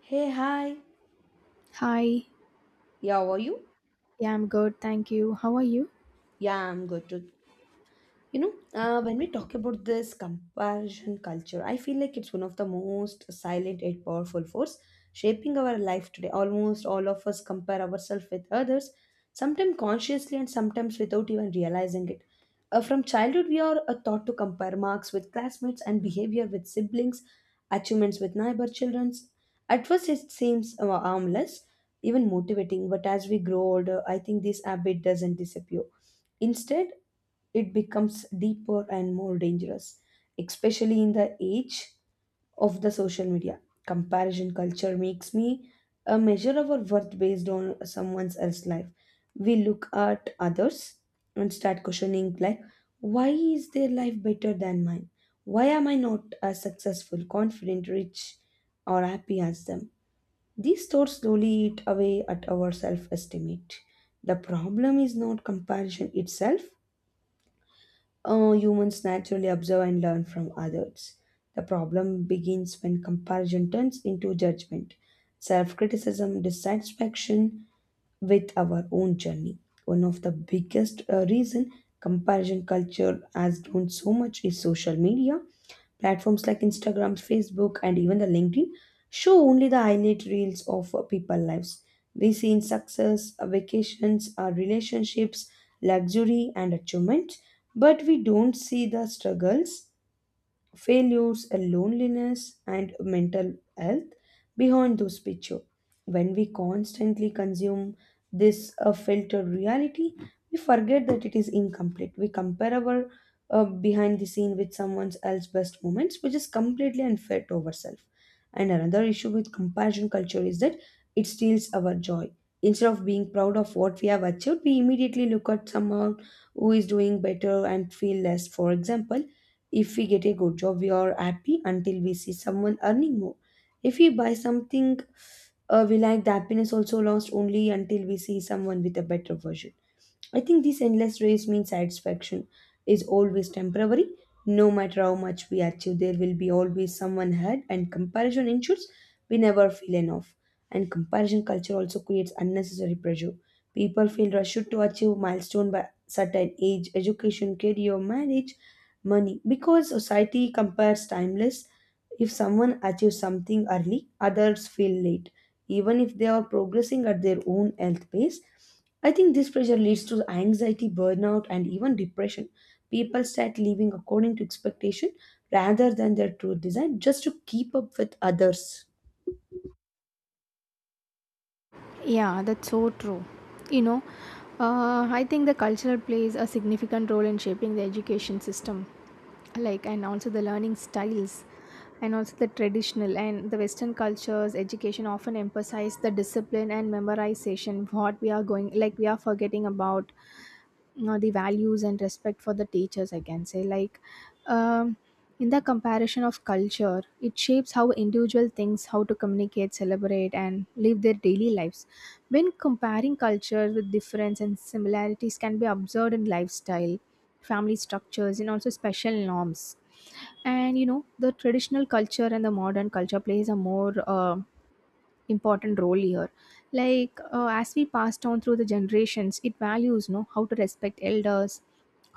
Hey, hi. Hi, Yeah, how are you? yeah, I'm good, thank you. How are you? Yeah, I'm good too. When we talk about this comparison culture, I feel like it's one of the most silent yet powerful force shaping our life today. Almost all of us compare ourselves with others, sometimes consciously and sometimes without even realizing it. From childhood, we are taught to compare marks with classmates and behavior with siblings, achievements with neighbor children. At first, it seems harmless, even motivating, but as we grow older, I think this habit doesn't disappear. Instead, it becomes deeper and more dangerous, especially in the age of the social media. Comparison culture makes me a measure of our worth based on someone else's life. We look at others and start questioning like, why is their life better than mine? Why am I not as successful, confident, rich, or happy as them? These thoughts slowly eat away at our self estimate. The problem is not comparison itself, humans naturally observe and learn from others. The problem begins when comparison turns into judgment. Self criticism, dissatisfaction, with our own journey. One of the biggest reason comparison culture has grown so much is social media. Platforms like Instagram, Facebook, and even the LinkedIn show only the highlight reels of people lives. We see in success, vacations, our relationships, luxury, and achievements, but we don't see the struggles failures, loneliness, and mental health behind those pictures. When we constantly consume this filtered reality, we forget that it is incomplete. We compare our behind the scene with someone else's best moments, which is completely unfair to ourselves. And another issue with comparison culture is that it steals our joy. Instead of being proud of what we have achieved, we immediately look at someone who is doing better and feel less. For example, if we get a good job, we are happy until we see someone earning more. If we buy something we like, the happiness also lasts only until we see someone with a better version. I think this endless race means satisfaction is always temporary. No matter how much we achieve, there will be always someone ahead, and comparison ensures we never feel enough. And comparison culture also creates unnecessary pressure. People feel rushed to achieve milestone by certain age, education, career, marriage, money, because society compares timeless. If someone achieves something early, others feel late, even if they are progressing at their own health pace. I think this pressure leads to anxiety, burnout, and even depression. People start living according to expectation rather than their true design just to keep up with others. Yeah, that's so true. You know, I think the culture plays a significant role in shaping the education system, like, and also the learning styles, and also the traditional and the Western cultures. Education often emphasize the discipline and memorization. What we are going, like, we are forgetting about you know, the values and respect for the teachers. I can say, like, um, in the comparison of culture, it shapes how individual thinks, how to communicate, celebrate, and live their daily lives when comparing cultures with difference and similarities can be observed in lifestyle, family structures, and also special norms. And you know, the traditional culture and the modern culture plays a more important role here, like as we passed on through the generations, it values know how to respect elders,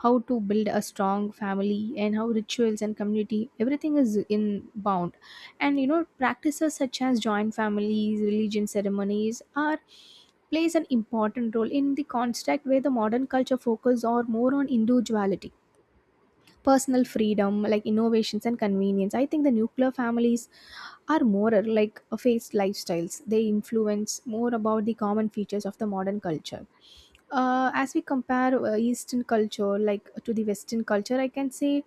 how to build a strong family, and how rituals and community everything is in bound. And you know, practices such as joint families, religion ceremonies are plays an important role in the construct, where the modern culture focus or more on individuality, personal freedom, like innovations and convenience. I think the nuclear families are more like a phased lifestyles. They influence more about the common features of the modern culture. As we compare Eastern culture like to the Western culture, I can say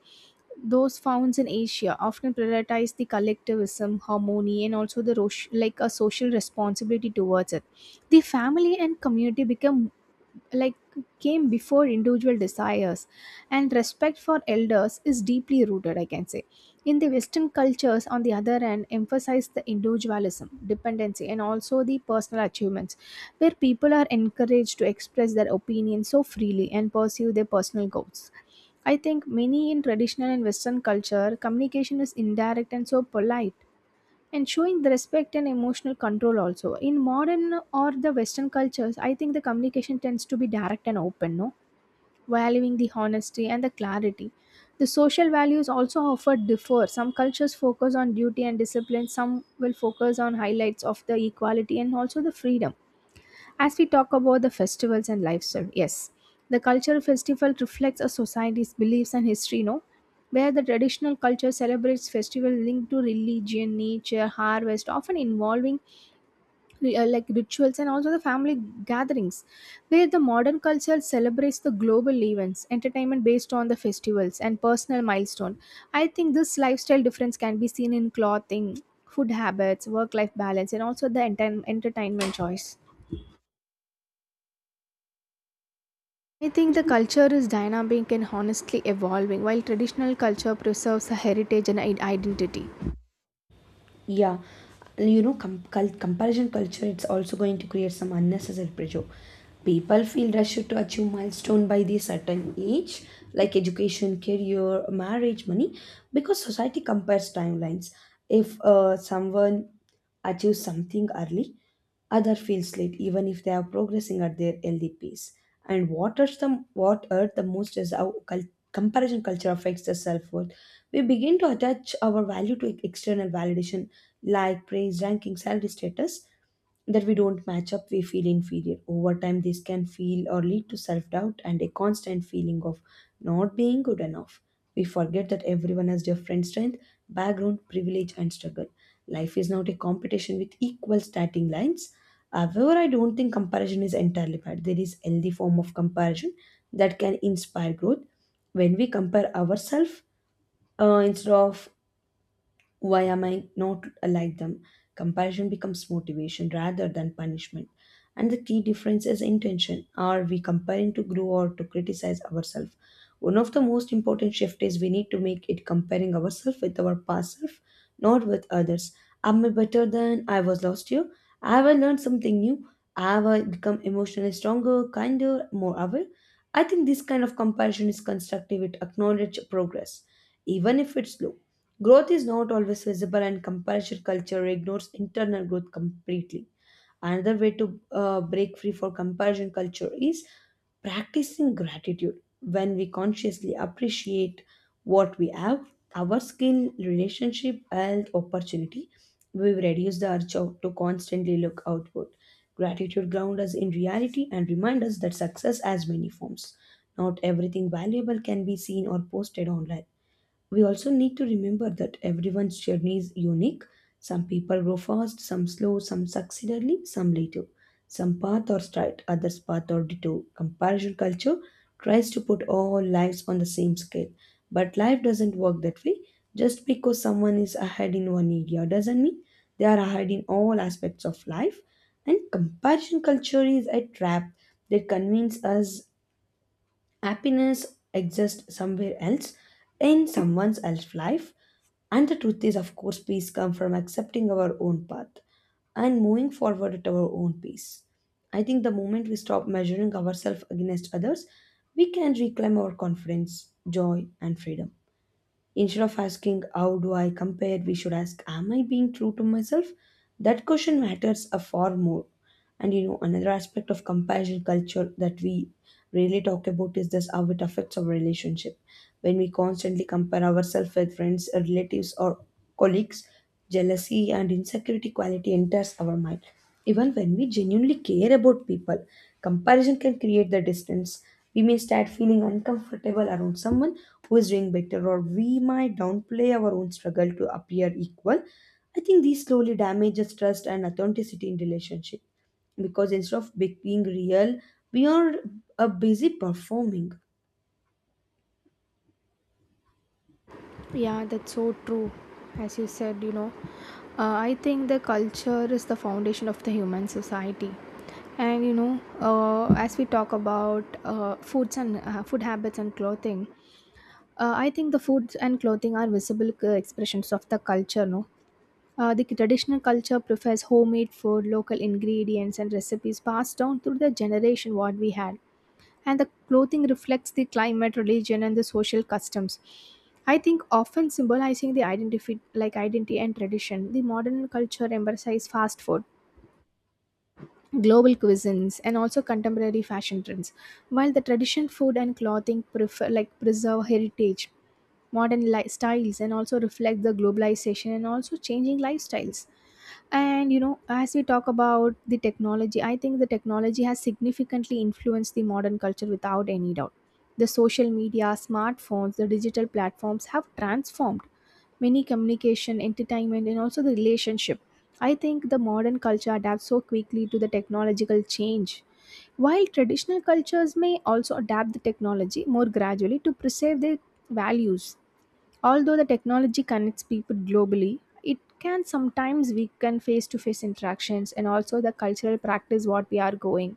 those found in Asia often prioritize the collectivism, harmony, and also the like a social responsibility towards it. The family and community become like came before individual desires, and respect for elders is deeply rooted, I can say. In the Western cultures, on the other hand, emphasize the individualism, dependency, and also the personal achievements, where people are encouraged to express their opinions so freely and pursue their personal goals. I think many in traditional and Western culture, communication is indirect and so polite, and showing the respect and emotional control also. In modern or the Western cultures, I think the communication tends to be direct and open, no? Valuing the honesty and the clarity. The social values also offer differ. Some cultures focus on duty and discipline, some will focus on highlights of the equality and also the freedom. As we talk about the festivals and lifestyle, yes, the cultural festival reflects a society's beliefs and history, no? Where the traditional culture celebrates festivals linked to religion, nature, harvest, often involving like rituals and also the family gatherings. Where the modern culture celebrates the global events, entertainment based on the festivals, and personal milestone. I think this lifestyle difference can be seen in clothing, food habits, work-life balance, and also the entertainment choice. I think the culture is dynamic and honestly evolving, while traditional culture preserves a heritage and identity. Yeah, comparison culture it's also going to create some unnecessary pressure. People feel rushed to achieve milestone by the certain age, like education, career, marriage, money, because society compares timelines. If someone achieves something early, other feels late, even if they are progressing at their healthy pace. And what hurt the most is how comparison culture affects the self-worth. We begin to attach our value to external validation, like praise, ranking, salary status, that we don't match up, we feel inferior. Over time, this can feel or lead to self doubt and a constant feeling of not being good enough. We forget that everyone has different strength, background, privilege, and struggle. Life is not a competition with equal starting lines. However, I don't think comparison is entirely bad. There is healthy form of comparison that can inspire growth. When we compare ourselves instead of why am I not like them? Comparison becomes motivation rather than punishment. And the key difference is intention. Are we comparing to grow or to criticize ourselves? One of the most important shift is we need to make it comparing ourselves with our past self, not with others. Am I better than I was last year? Have I learned something new? Have I become emotionally stronger, kinder, more aware? I think this kind of comparison is constructive. It acknowledges progress, even if it's slow. Growth is not always visible, and comparison culture ignores internal growth completely. Another way to break free for comparison culture is practicing gratitude. When we consciously appreciate what we have, our skill, relationship, health, opportunity, we will reduce the urge of- to constantly look outward. Gratitude grounds us in reality and reminds us that success has many forms. Not everything valuable can be seen or posted online. We also need to remember that everyone's journey is unique. Some people grow fast, some slow, some succeed early, some later. Some path or straight, others path or detour. Comparison culture tries to put all lives on the same scale. But life doesn't work that way. Just because someone is ahead in one area doesn't mean they are ahead in all aspects of life. And comparison culture is a trap that convinces us happiness exists somewhere else, in someone else's life, and the truth is, of course, peace comes from accepting our own path and moving forward at our own pace. I think the moment we stop measuring ourselves against others, we can reclaim our confidence, joy, and freedom. Instead of asking, how do I compare? We should ask, am I being true to myself? That question matters a far more. And you know, another aspect of comparison culture that we really talk about is this how it affects our relationship. When we constantly compare ourselves with friends, relatives, or colleagues, jealousy and insecurity quality enters our mind. Even when we genuinely care about people, comparison can create the distance. We may start feeling uncomfortable around someone who is doing better, or we might downplay our own struggle to appear equal. I think these slowly damages trust and authenticity in relationship, because instead of being real, we are busy performing. Yeah, that's so true. As you said, you know, I think the culture is the foundation of the human society. And you know, as we talk about foods and food habits and clothing, I think the foods and clothing are visible expressions of the culture, no? The traditional culture prefers homemade food, local ingredients, and recipes passed down through the generation what we had. And the clothing reflects the climate, religion, and the social customs. I think often symbolizing the identity, like identity and tradition. The modern culture emphasizes fast food, global cuisines, and also contemporary fashion trends, while the tradition food and clothing prefer, like preserve heritage, modern styles, and also reflect the globalization and also changing lifestyles. And you know, as we talk about the technology, I think the technology has significantly influenced the modern culture without any doubt. The social media, smartphones, the digital platforms have transformed many communication, entertainment, and also the relationship. I think the modern culture adapts so quickly to the technological change. While traditional cultures may also adapt the technology more gradually to preserve their values, although the technology connects people globally, it can sometimes weaken face to face interactions and also the cultural practice what we are going.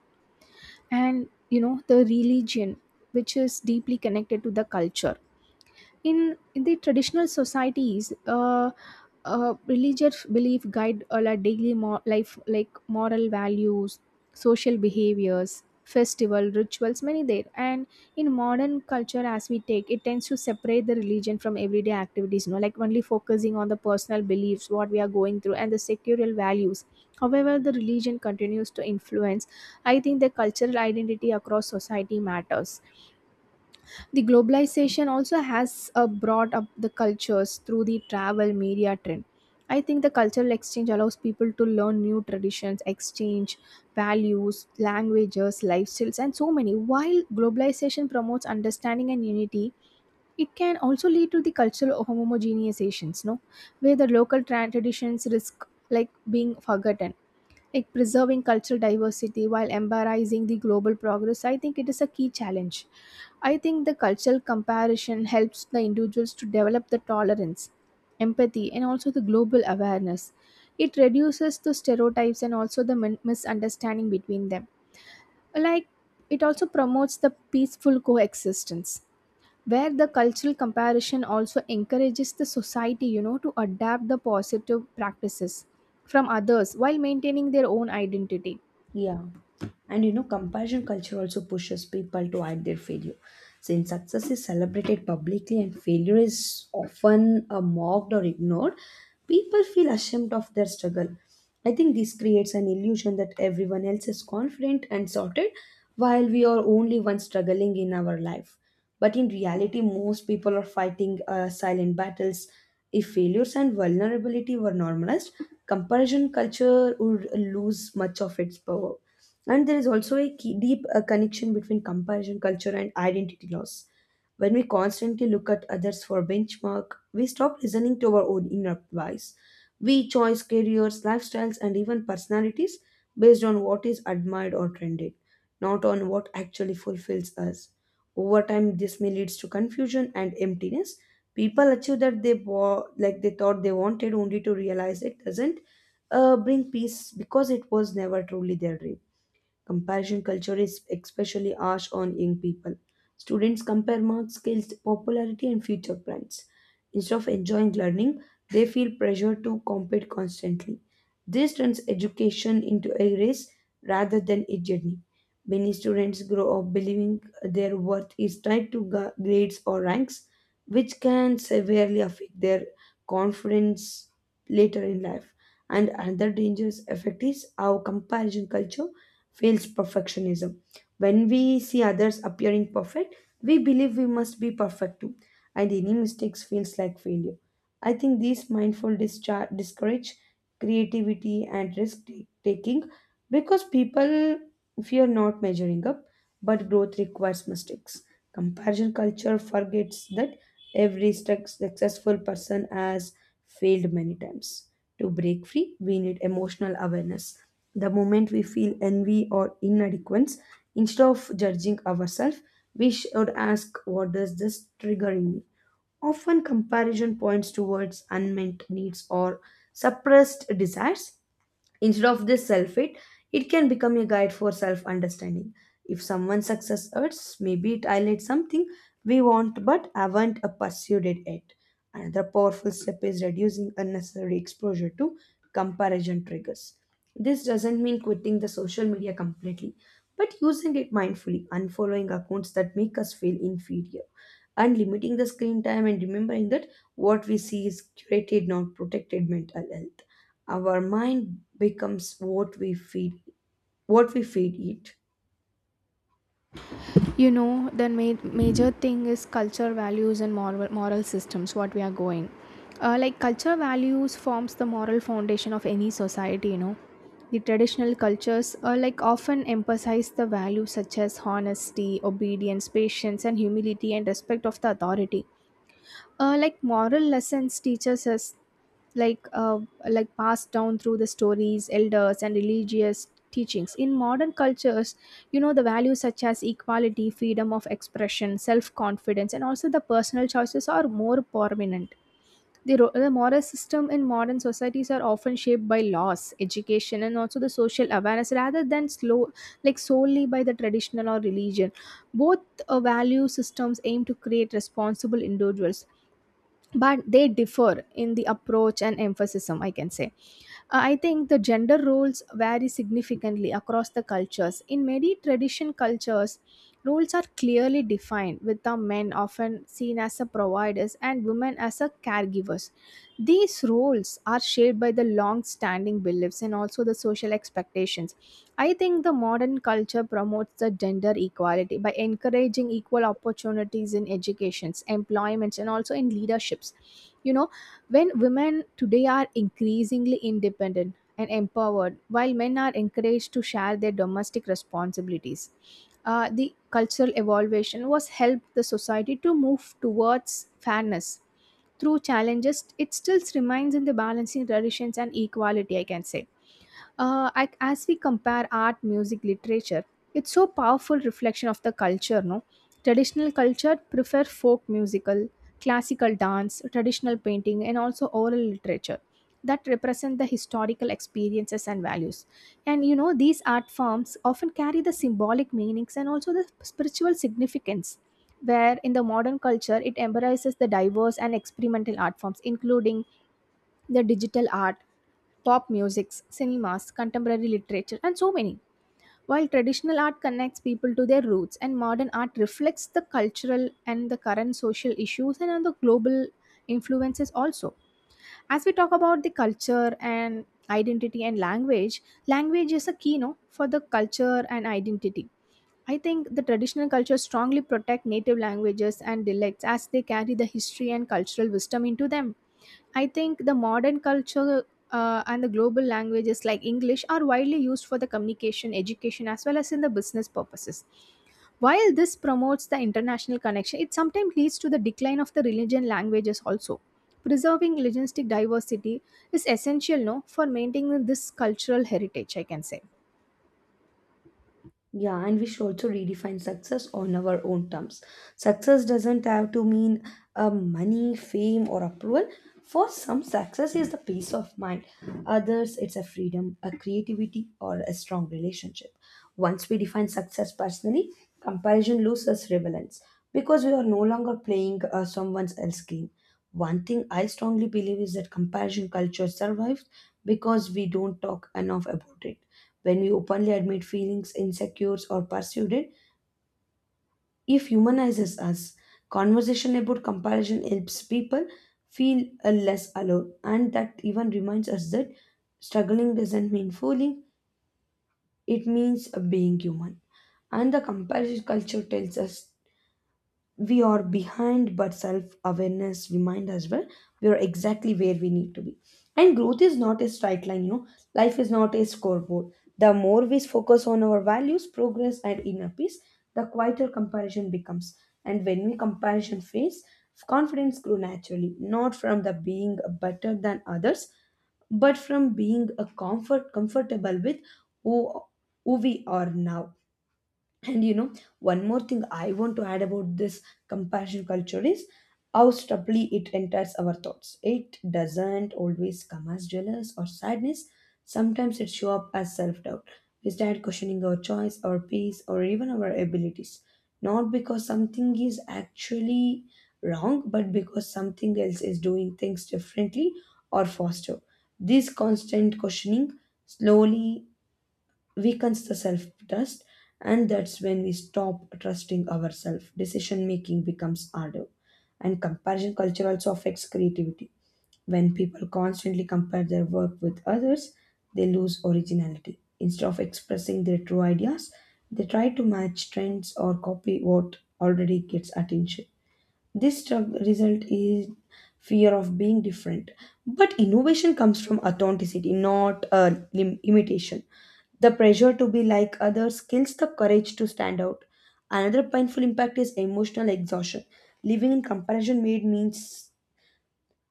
And you know, the religion, which is deeply connected to the culture in the traditional societies, religious belief guide our like daily life like moral values, social behaviors, festival rituals many there. And in modern culture, as we take it, tends to separate the religion from everyday activities, you know, like only focusing on the personal beliefs what we are going through and the sectorial values. However, the religion continues to influence, I think, the cultural identity across society matters. The globalization also has brought up the cultures through the travel media trend. I think the cultural exchange allows people to learn new traditions, exchange values, languages, lifestyles, and so many. While globalization promotes understanding and unity, it can also lead to the cultural homogenizations, no? Where the local traditions risk like being forgotten, like preserving cultural diversity while embracing the global progress, I think it is a key challenge. I think the cultural comparison helps the individuals to develop the tolerance, empathy, and also the global awareness. It reduces the stereotypes and also the misunderstanding between them, like it also promotes the peaceful coexistence, where the cultural comparison also encourages the society, you know, to adapt the positive practices from others while maintaining their own identity. Yeah. And you know, comparison culture also pushes people to hide their failure. Since success is celebrated publicly and failure is often mocked or ignored, people feel ashamed of their struggle. I think this creates an illusion that everyone else is confident and sorted while we are only one struggling in our life. But in reality, most people are fighting silent battles. If failures and vulnerability were normalized, comparison culture would lose much of its power. And there is also a key, deep connection between comparison culture and identity loss. When we constantly look at others for benchmark, we stop listening to our own inner voice. We choose careers, lifestyles, and even personalities based on what is admired or trended, not on what actually fulfills us. Over time, this may leads to confusion and emptiness. People achieve that they they thought they wanted, only to realize it doesn't bring peace because it was never truly their dream. Comparison culture is especially harsh on young people. Students compare marks, skills, popularity, and future plans. Instead of enjoying learning, they feel pressure to compete constantly. This turns education into a race rather than a journey. Many students grow up believing their worth is tied to grades or ranks, which can severely affect their confidence later in life. And another dangerous effect is how comparison culture fails perfectionism. When we see others appearing perfect, we believe we must be perfect too, and any mistakes feels like failure. I think these mindful discharge discourage creativity and risk taking, because people fear not measuring up. But growth requires mistakes. Comparison culture forgets that every successful person has failed many times. To break free, we need emotional awareness. The moment we feel envy or inadequacy, instead of judging ourselves, we should ask, what does this triggering me? Often, comparison points towards unmet needs or suppressed desires. Instead of this self hate, it can become a guide for self understanding. If someone's success hurts, maybe it highlights something we want but haven't pursued it yet. Another powerful step is reducing unnecessary exposure to comparison triggers. This doesn't mean quitting the social media completely, but using it mindfully, unfollowing accounts that make us feel inferior, and limiting the screen time, and remembering that what we see is curated, not protected mental health. Our mind becomes what we feed it. You know, the major thing is culture values and moral systems what we are going. Like culture values forms the moral foundation of any society, you know. The traditional cultures like often emphasize the values such as honesty, obedience, patience, and humility, and respect of the authority. Like moral lessons teaches us, like uh, like passed down through the stories, elders, and religious teachings. In modern cultures, you know, the values such as equality, freedom of expression, self confidence, and also the personal choices are more prominent. The moral system in modern societies are often shaped by laws, education, and also the social awareness, rather than slow like solely by the traditional or religion. Both value systems aim to create responsible individuals, but they differ in the approach and emphasis, I can say I think the gender roles vary significantly across the cultures. In many tradition cultures, roles are clearly defined, with the men often seen as the providers and women as the caregivers. These roles are shaped by the long-standing beliefs and also the social expectations. I think the modern culture promotes the gender equality by encouraging equal opportunities in educations, employments, and also in leaderships. You know, when women today are increasingly independent and empowered, while men are encouraged to share their domestic responsibilities, the cultural evolution was helped the society to move towards fairness through challenges. It still remains in the balancing traditions and equality, I can say. As we compare art, music, literature, it's so powerful reflection of the culture. No, traditional culture prefer folk musical, classical dance, traditional painting, and also oral literature that represent the historical experiences and values. And you know, these art forms often carry the symbolic meanings and also the spiritual significance. Where in the modern culture, it embraces the diverse and experimental art forms, including the digital art, pop musics, cinemas, contemporary literature, and so many. While traditional art connects people to their roots and modern art reflects the cultural and the current social issues and the global influences also. As we talk about the culture and identity and language, language is a key, no, for the culture and identity. I think the traditional cultures strongly protect native languages and dialects as they carry the history and cultural wisdom into them. I think the modern culture and the global languages like English are widely used for the communication, education, as well as in the business purposes. While this promotes the international connection, it sometimes leads to the decline of the religion languages also. Preserving linguistic diversity is essential, no, for maintaining this cultural heritage, I can say. Yeah, and we should also redefine success on our own terms. Success doesn't have to mean money, fame, or approval. For some, success is the peace of mind. Others, it's a freedom, a creativity, or a strong relationship. Once we define success personally, comparison loses relevance because we are no longer playing someone else's game. One thing I strongly believe is that comparison culture survives because we don't talk enough about it. When we openly admit feelings, insecures, or pursued it, if humanizes us. Conversation about comparison helps people feel less alone, and that even reminds us that struggling doesn't mean fooling, it means being human. And the comparison culture tells us we are behind, but self awareness remind us, well, we are exactly where we need to be, and growth is not a straight line. You know, life is not a scoreboard. The more we focus on our values, progress and inner peace, the quieter comparison becomes. And when we comparison face, confidence grow naturally, not from the being better than others, but from being a comfortable with who who we are now. And one more thing I want to add about this compassion culture is how subtly it enters our thoughts. It doesn't always come as jealous or sadness. Sometimes it shows up as self-doubt. We start questioning our choice, our peace, or even our abilities. Not because something is actually wrong, but because something else is doing things differently or faster. This constant questioning slowly weakens the self trust, and that's when we stop trusting ourselves, decision making becomes harder. And comparison culture also affects creativity. When people constantly compare their work with others, they lose originality. Instead of expressing their true ideas, they try to match trends or copy what already gets attention. This struggle result is fear of being different. But innovation comes from authenticity, not imitation. The pressure to be like others kills the courage to stand out. Another painful impact is emotional exhaustion. Living in comparison made means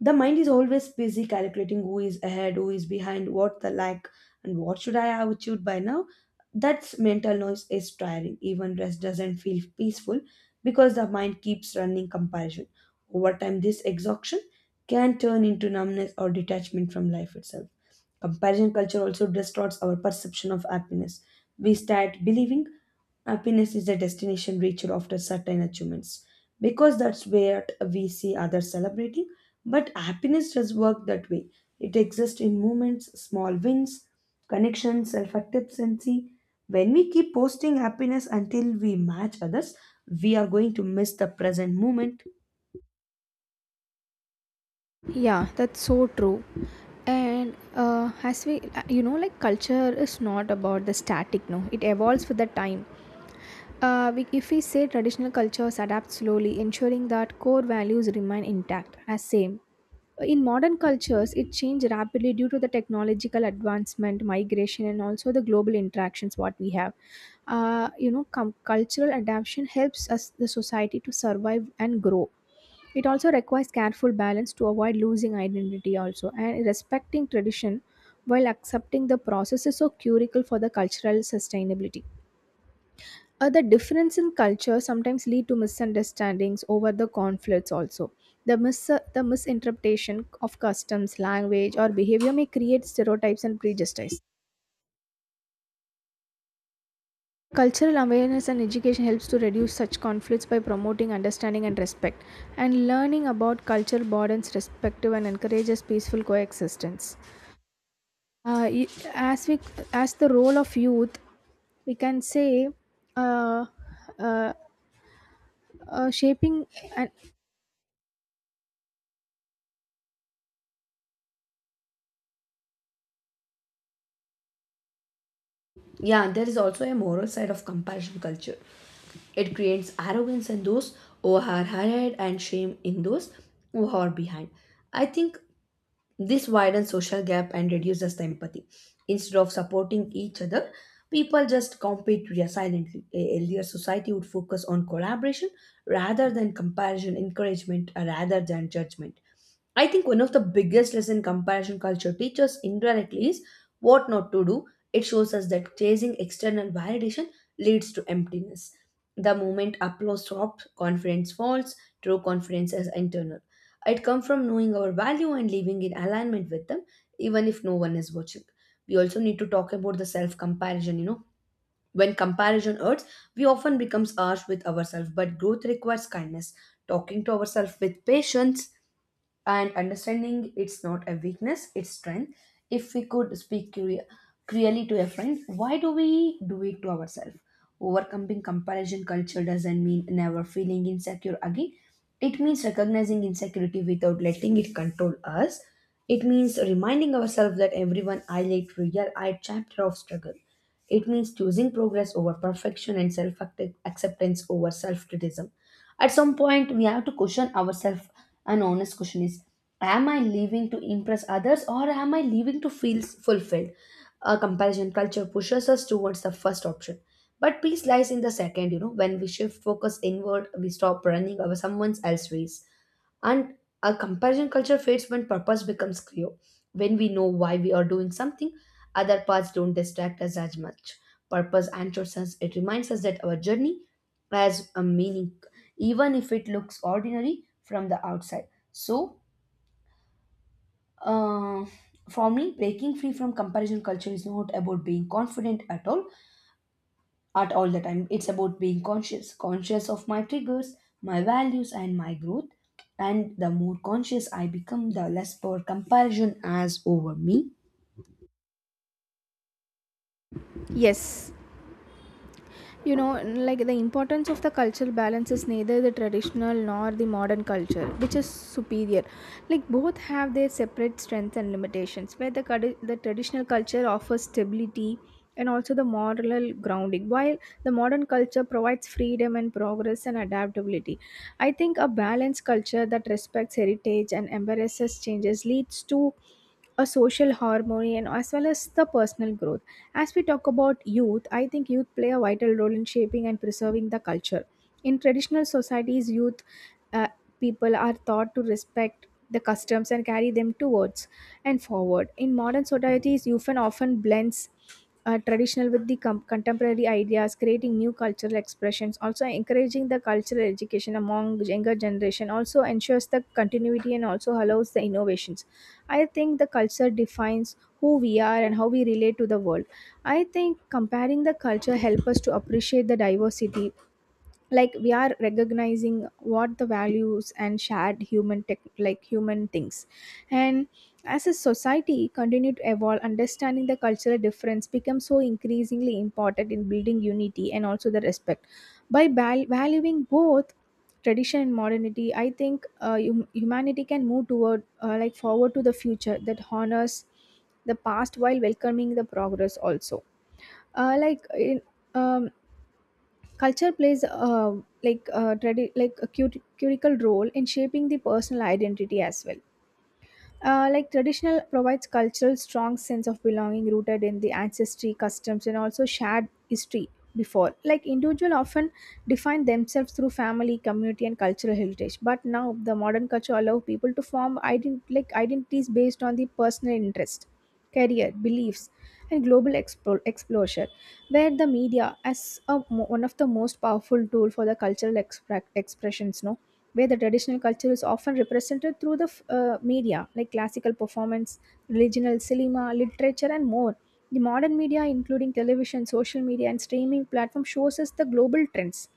the mind is always busy calculating who is ahead, who is behind, what the lack, and what should I have achieved by now. That's mental noise is tiring. Even rest doesn't feel peaceful because the mind keeps running comparison. Over time, this exhaustion can turn into numbness or detachment from life itself. Comparison culture also distorts our perception of happiness. We start believing happiness is a destination reached after certain achievements, because that's where we see others celebrating. But happiness does work that way. It exists in moments, small wins, connections, self acceptancy. When we keep posting happiness until we match others, we are going to miss the present moment. Yeah, that's so true. And you know, like culture is not about the static, no, it evolves with the time. If we say traditional cultures adapt slowly, ensuring that core values remain intact as same. In modern cultures, it changed rapidly due to the technological advancement, migration, and also the global interactions what we have. You know, cultural adaptation helps us the society to survive and grow. It also requires careful balance to avoid losing identity also and respecting tradition while accepting the process is so critical for the cultural sustainability. The difference in culture sometimes lead to misunderstandings over the conflicts also. The misinterpretation of customs, language or behavior may create stereotypes and prejudices. Cultural awareness and education helps to reduce such conflicts by promoting understanding and respect. And learning about culture broadens perspective and encourages peaceful coexistence. Uh, y- as we, as the role of youth, we can say, uh, uh, shaping and Yeah, there is also a moral side of comparison culture. It creates arrogance in those who are ahead and shame in those who are behind. I think this widens social gap and reduces the empathy. Instead of supporting each other, people just silently. A healthier society would focus on collaboration rather than comparison, encouragement rather than judgment. I think one of the biggest lesson comparison culture teaches indirectly is what not to do. It shows us that chasing external validation leads to emptiness. The moment applause stops, confidence falls, true confidence is internal. It comes from knowing our value and living in alignment with them, even if no one is watching. We also need to talk about the self comparison, you know. When comparison hurts, we often becomes harsh with ourselves, but growth requires kindness. Talking to ourselves with patience and understanding, it's not a weakness, it's strength. If we could clearly to a friend, why do we do it to ourselves? Overcoming comparison culture doesn't mean never feeling insecure again. It means recognizing insecurity without letting it control us. It means reminding ourselves that everyone highlight real eye chapter of struggle. It means choosing progress over perfection, and self acceptance over self criticism. At some point, we have to question ourselves. An honest question is, am I living to impress others, or am I living to feel fulfilled? A comparison culture pushes us towards the first option, but peace lies in the second. You know, when we shift focus inward, we stop running over someone else's race. And a comparison culture fades when purpose becomes clear. When we know why we are doing something, other paths don't distract us as much. Purpose anchors us, it reminds us that our journey has a meaning, even if it looks ordinary from the outside. So, uh, for me, breaking free from comparison culture is not about being confident at all art all the time. It's about being conscious of my triggers, my values and my growth. And the more conscious I become, the less power comparison has over me. yes, you know like the importance of the cultural balance is neither the traditional nor the modern culture which is superior, like both have their separate strengths and limitations, where the traditional culture offers stability and also the moral grounding, while the modern culture provides freedom and progress and adaptability. I think a balanced culture that respects heritage and embraces changes leads to a social harmony and as well as the personal growth. As we talk about youth, I think youth play a vital role in shaping and preserving the culture. In traditional societies, youth uh, people are taught to respect the customs and carry them towards and forward. In modern societies, youth and often blends traditional with the contemporary ideas, creating new cultural expressions. Also, encouraging the cultural education among younger generation also ensures the continuity and also allows the innovations. I think the culture defines who we are and how we relate to the world. I think comparing the culture help us to appreciate the diversity, like we are recognizing what the values and shared human tech like human things, and as a society continue to evolve, understanding the cultural difference becomes so increasingly important in building unity and also the respect, by valuing both tradition and modernity. I think humanity can move toward like forward to the future that honors the past while welcoming the progress also. uh, like in, um, Culture plays like a cur critical role in shaping the personal identity as well. Like traditional provides cultural strong sense of belonging rooted in the ancestry, customs, and also shared history before. Like individual often define themselves through family, community, and cultural heritage. But now the modern culture allow people to form like identities based on the personal interest, career, beliefs, and global exposure, where the media as one of the most powerful tool for the cultural expressions. No, where the traditional culture is often represented through the media like classical performance, regional cinema, literature, and more. The modern media, including television, social media, and streaming platform, shows us the global trends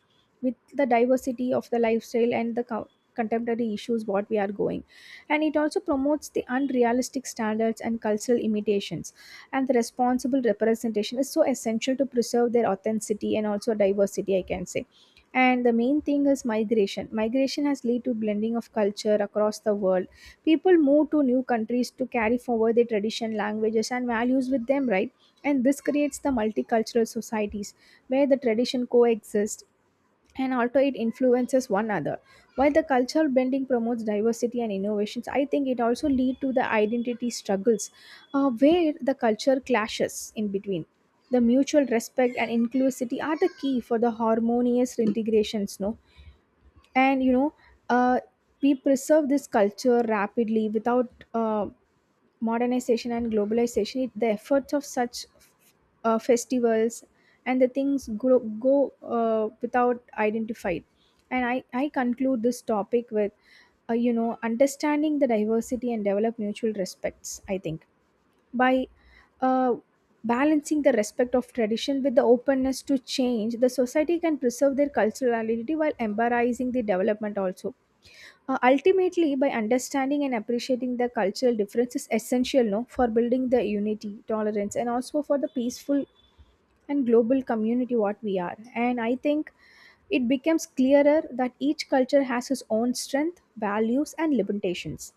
with the diversity of the lifestyle and the contemporary issues what we are going, and it also promotes the unrealistic standards and cultural imitations, and the responsible representation is so essential to preserve their authenticity and also diversity, I can say. And the main thing is migration. Migration has led to blending of culture across the world. People move to new countries to carry forward their tradition, languages and values with them, right? And this creates the multicultural societies where the tradition coexist, and also it influences one another. While the cultural blending promotes diversity and innovations, I think it also lead to the identity struggles, where the culture clashes in between. The mutual respect and inclusivity are the key for the harmonious integrations, no? And you know uh, we preserve this culture rapidly without modernization and globalization, it, the efforts of such festivals and the things go, go without identified. And I conclude this topic with, understanding the diversity and develop mutual respects. I think by uh, balancing the respect of tradition with the openness to change, the society can preserve their cultural identity while embracing the development also. Ultimately, by understanding and appreciating the cultural difference is essential, no, for building the unity, tolerance, and also for the peaceful and global community what we are. And I think it becomes clearer that each culture has its own strength, values, and limitations,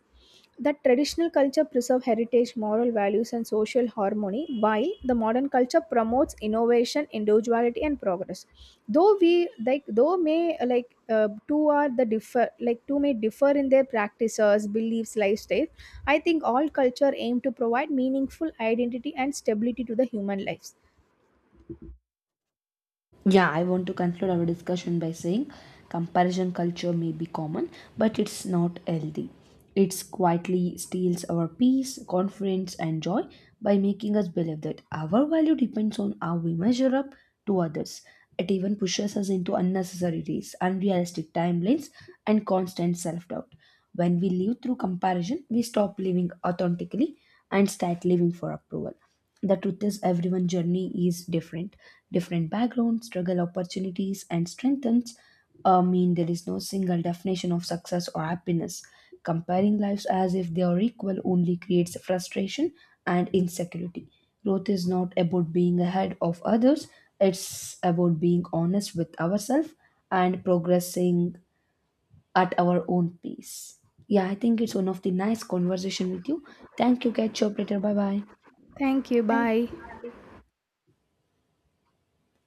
that traditional culture preserve heritage, moral values and social harmony, while the modern culture promotes innovation, individuality and progress. Though we like though may like two are the differ like two may differ in their practices, beliefs, lifestyle, I think all culture aim to provide meaningful identity and stability to the human lives. Yeah, I want to conclude our discussion by saying comparison culture may be common, but it's not healthy. It quietly steals our peace, confidence, and joy by making us believe that our value depends on how we measure up to others. It even pushes us into unnecessary race, unrealistic timelines, and constant self doubt. When we live through comparison, we stop living authentically and start living for approval. The truth is, everyone's journey is different. Different backgrounds, struggle, opportunities and strengths mean there is no single definition of success or happiness. Comparing lives as if they are equal only creates frustration and insecurity. Growth is not about being ahead of others, it's about being honest with ourselves and progressing at our own pace. Yeah, I think it's one of the nice conversation with you. Thank you, catch you up later, bye bye. Thank you. Bye.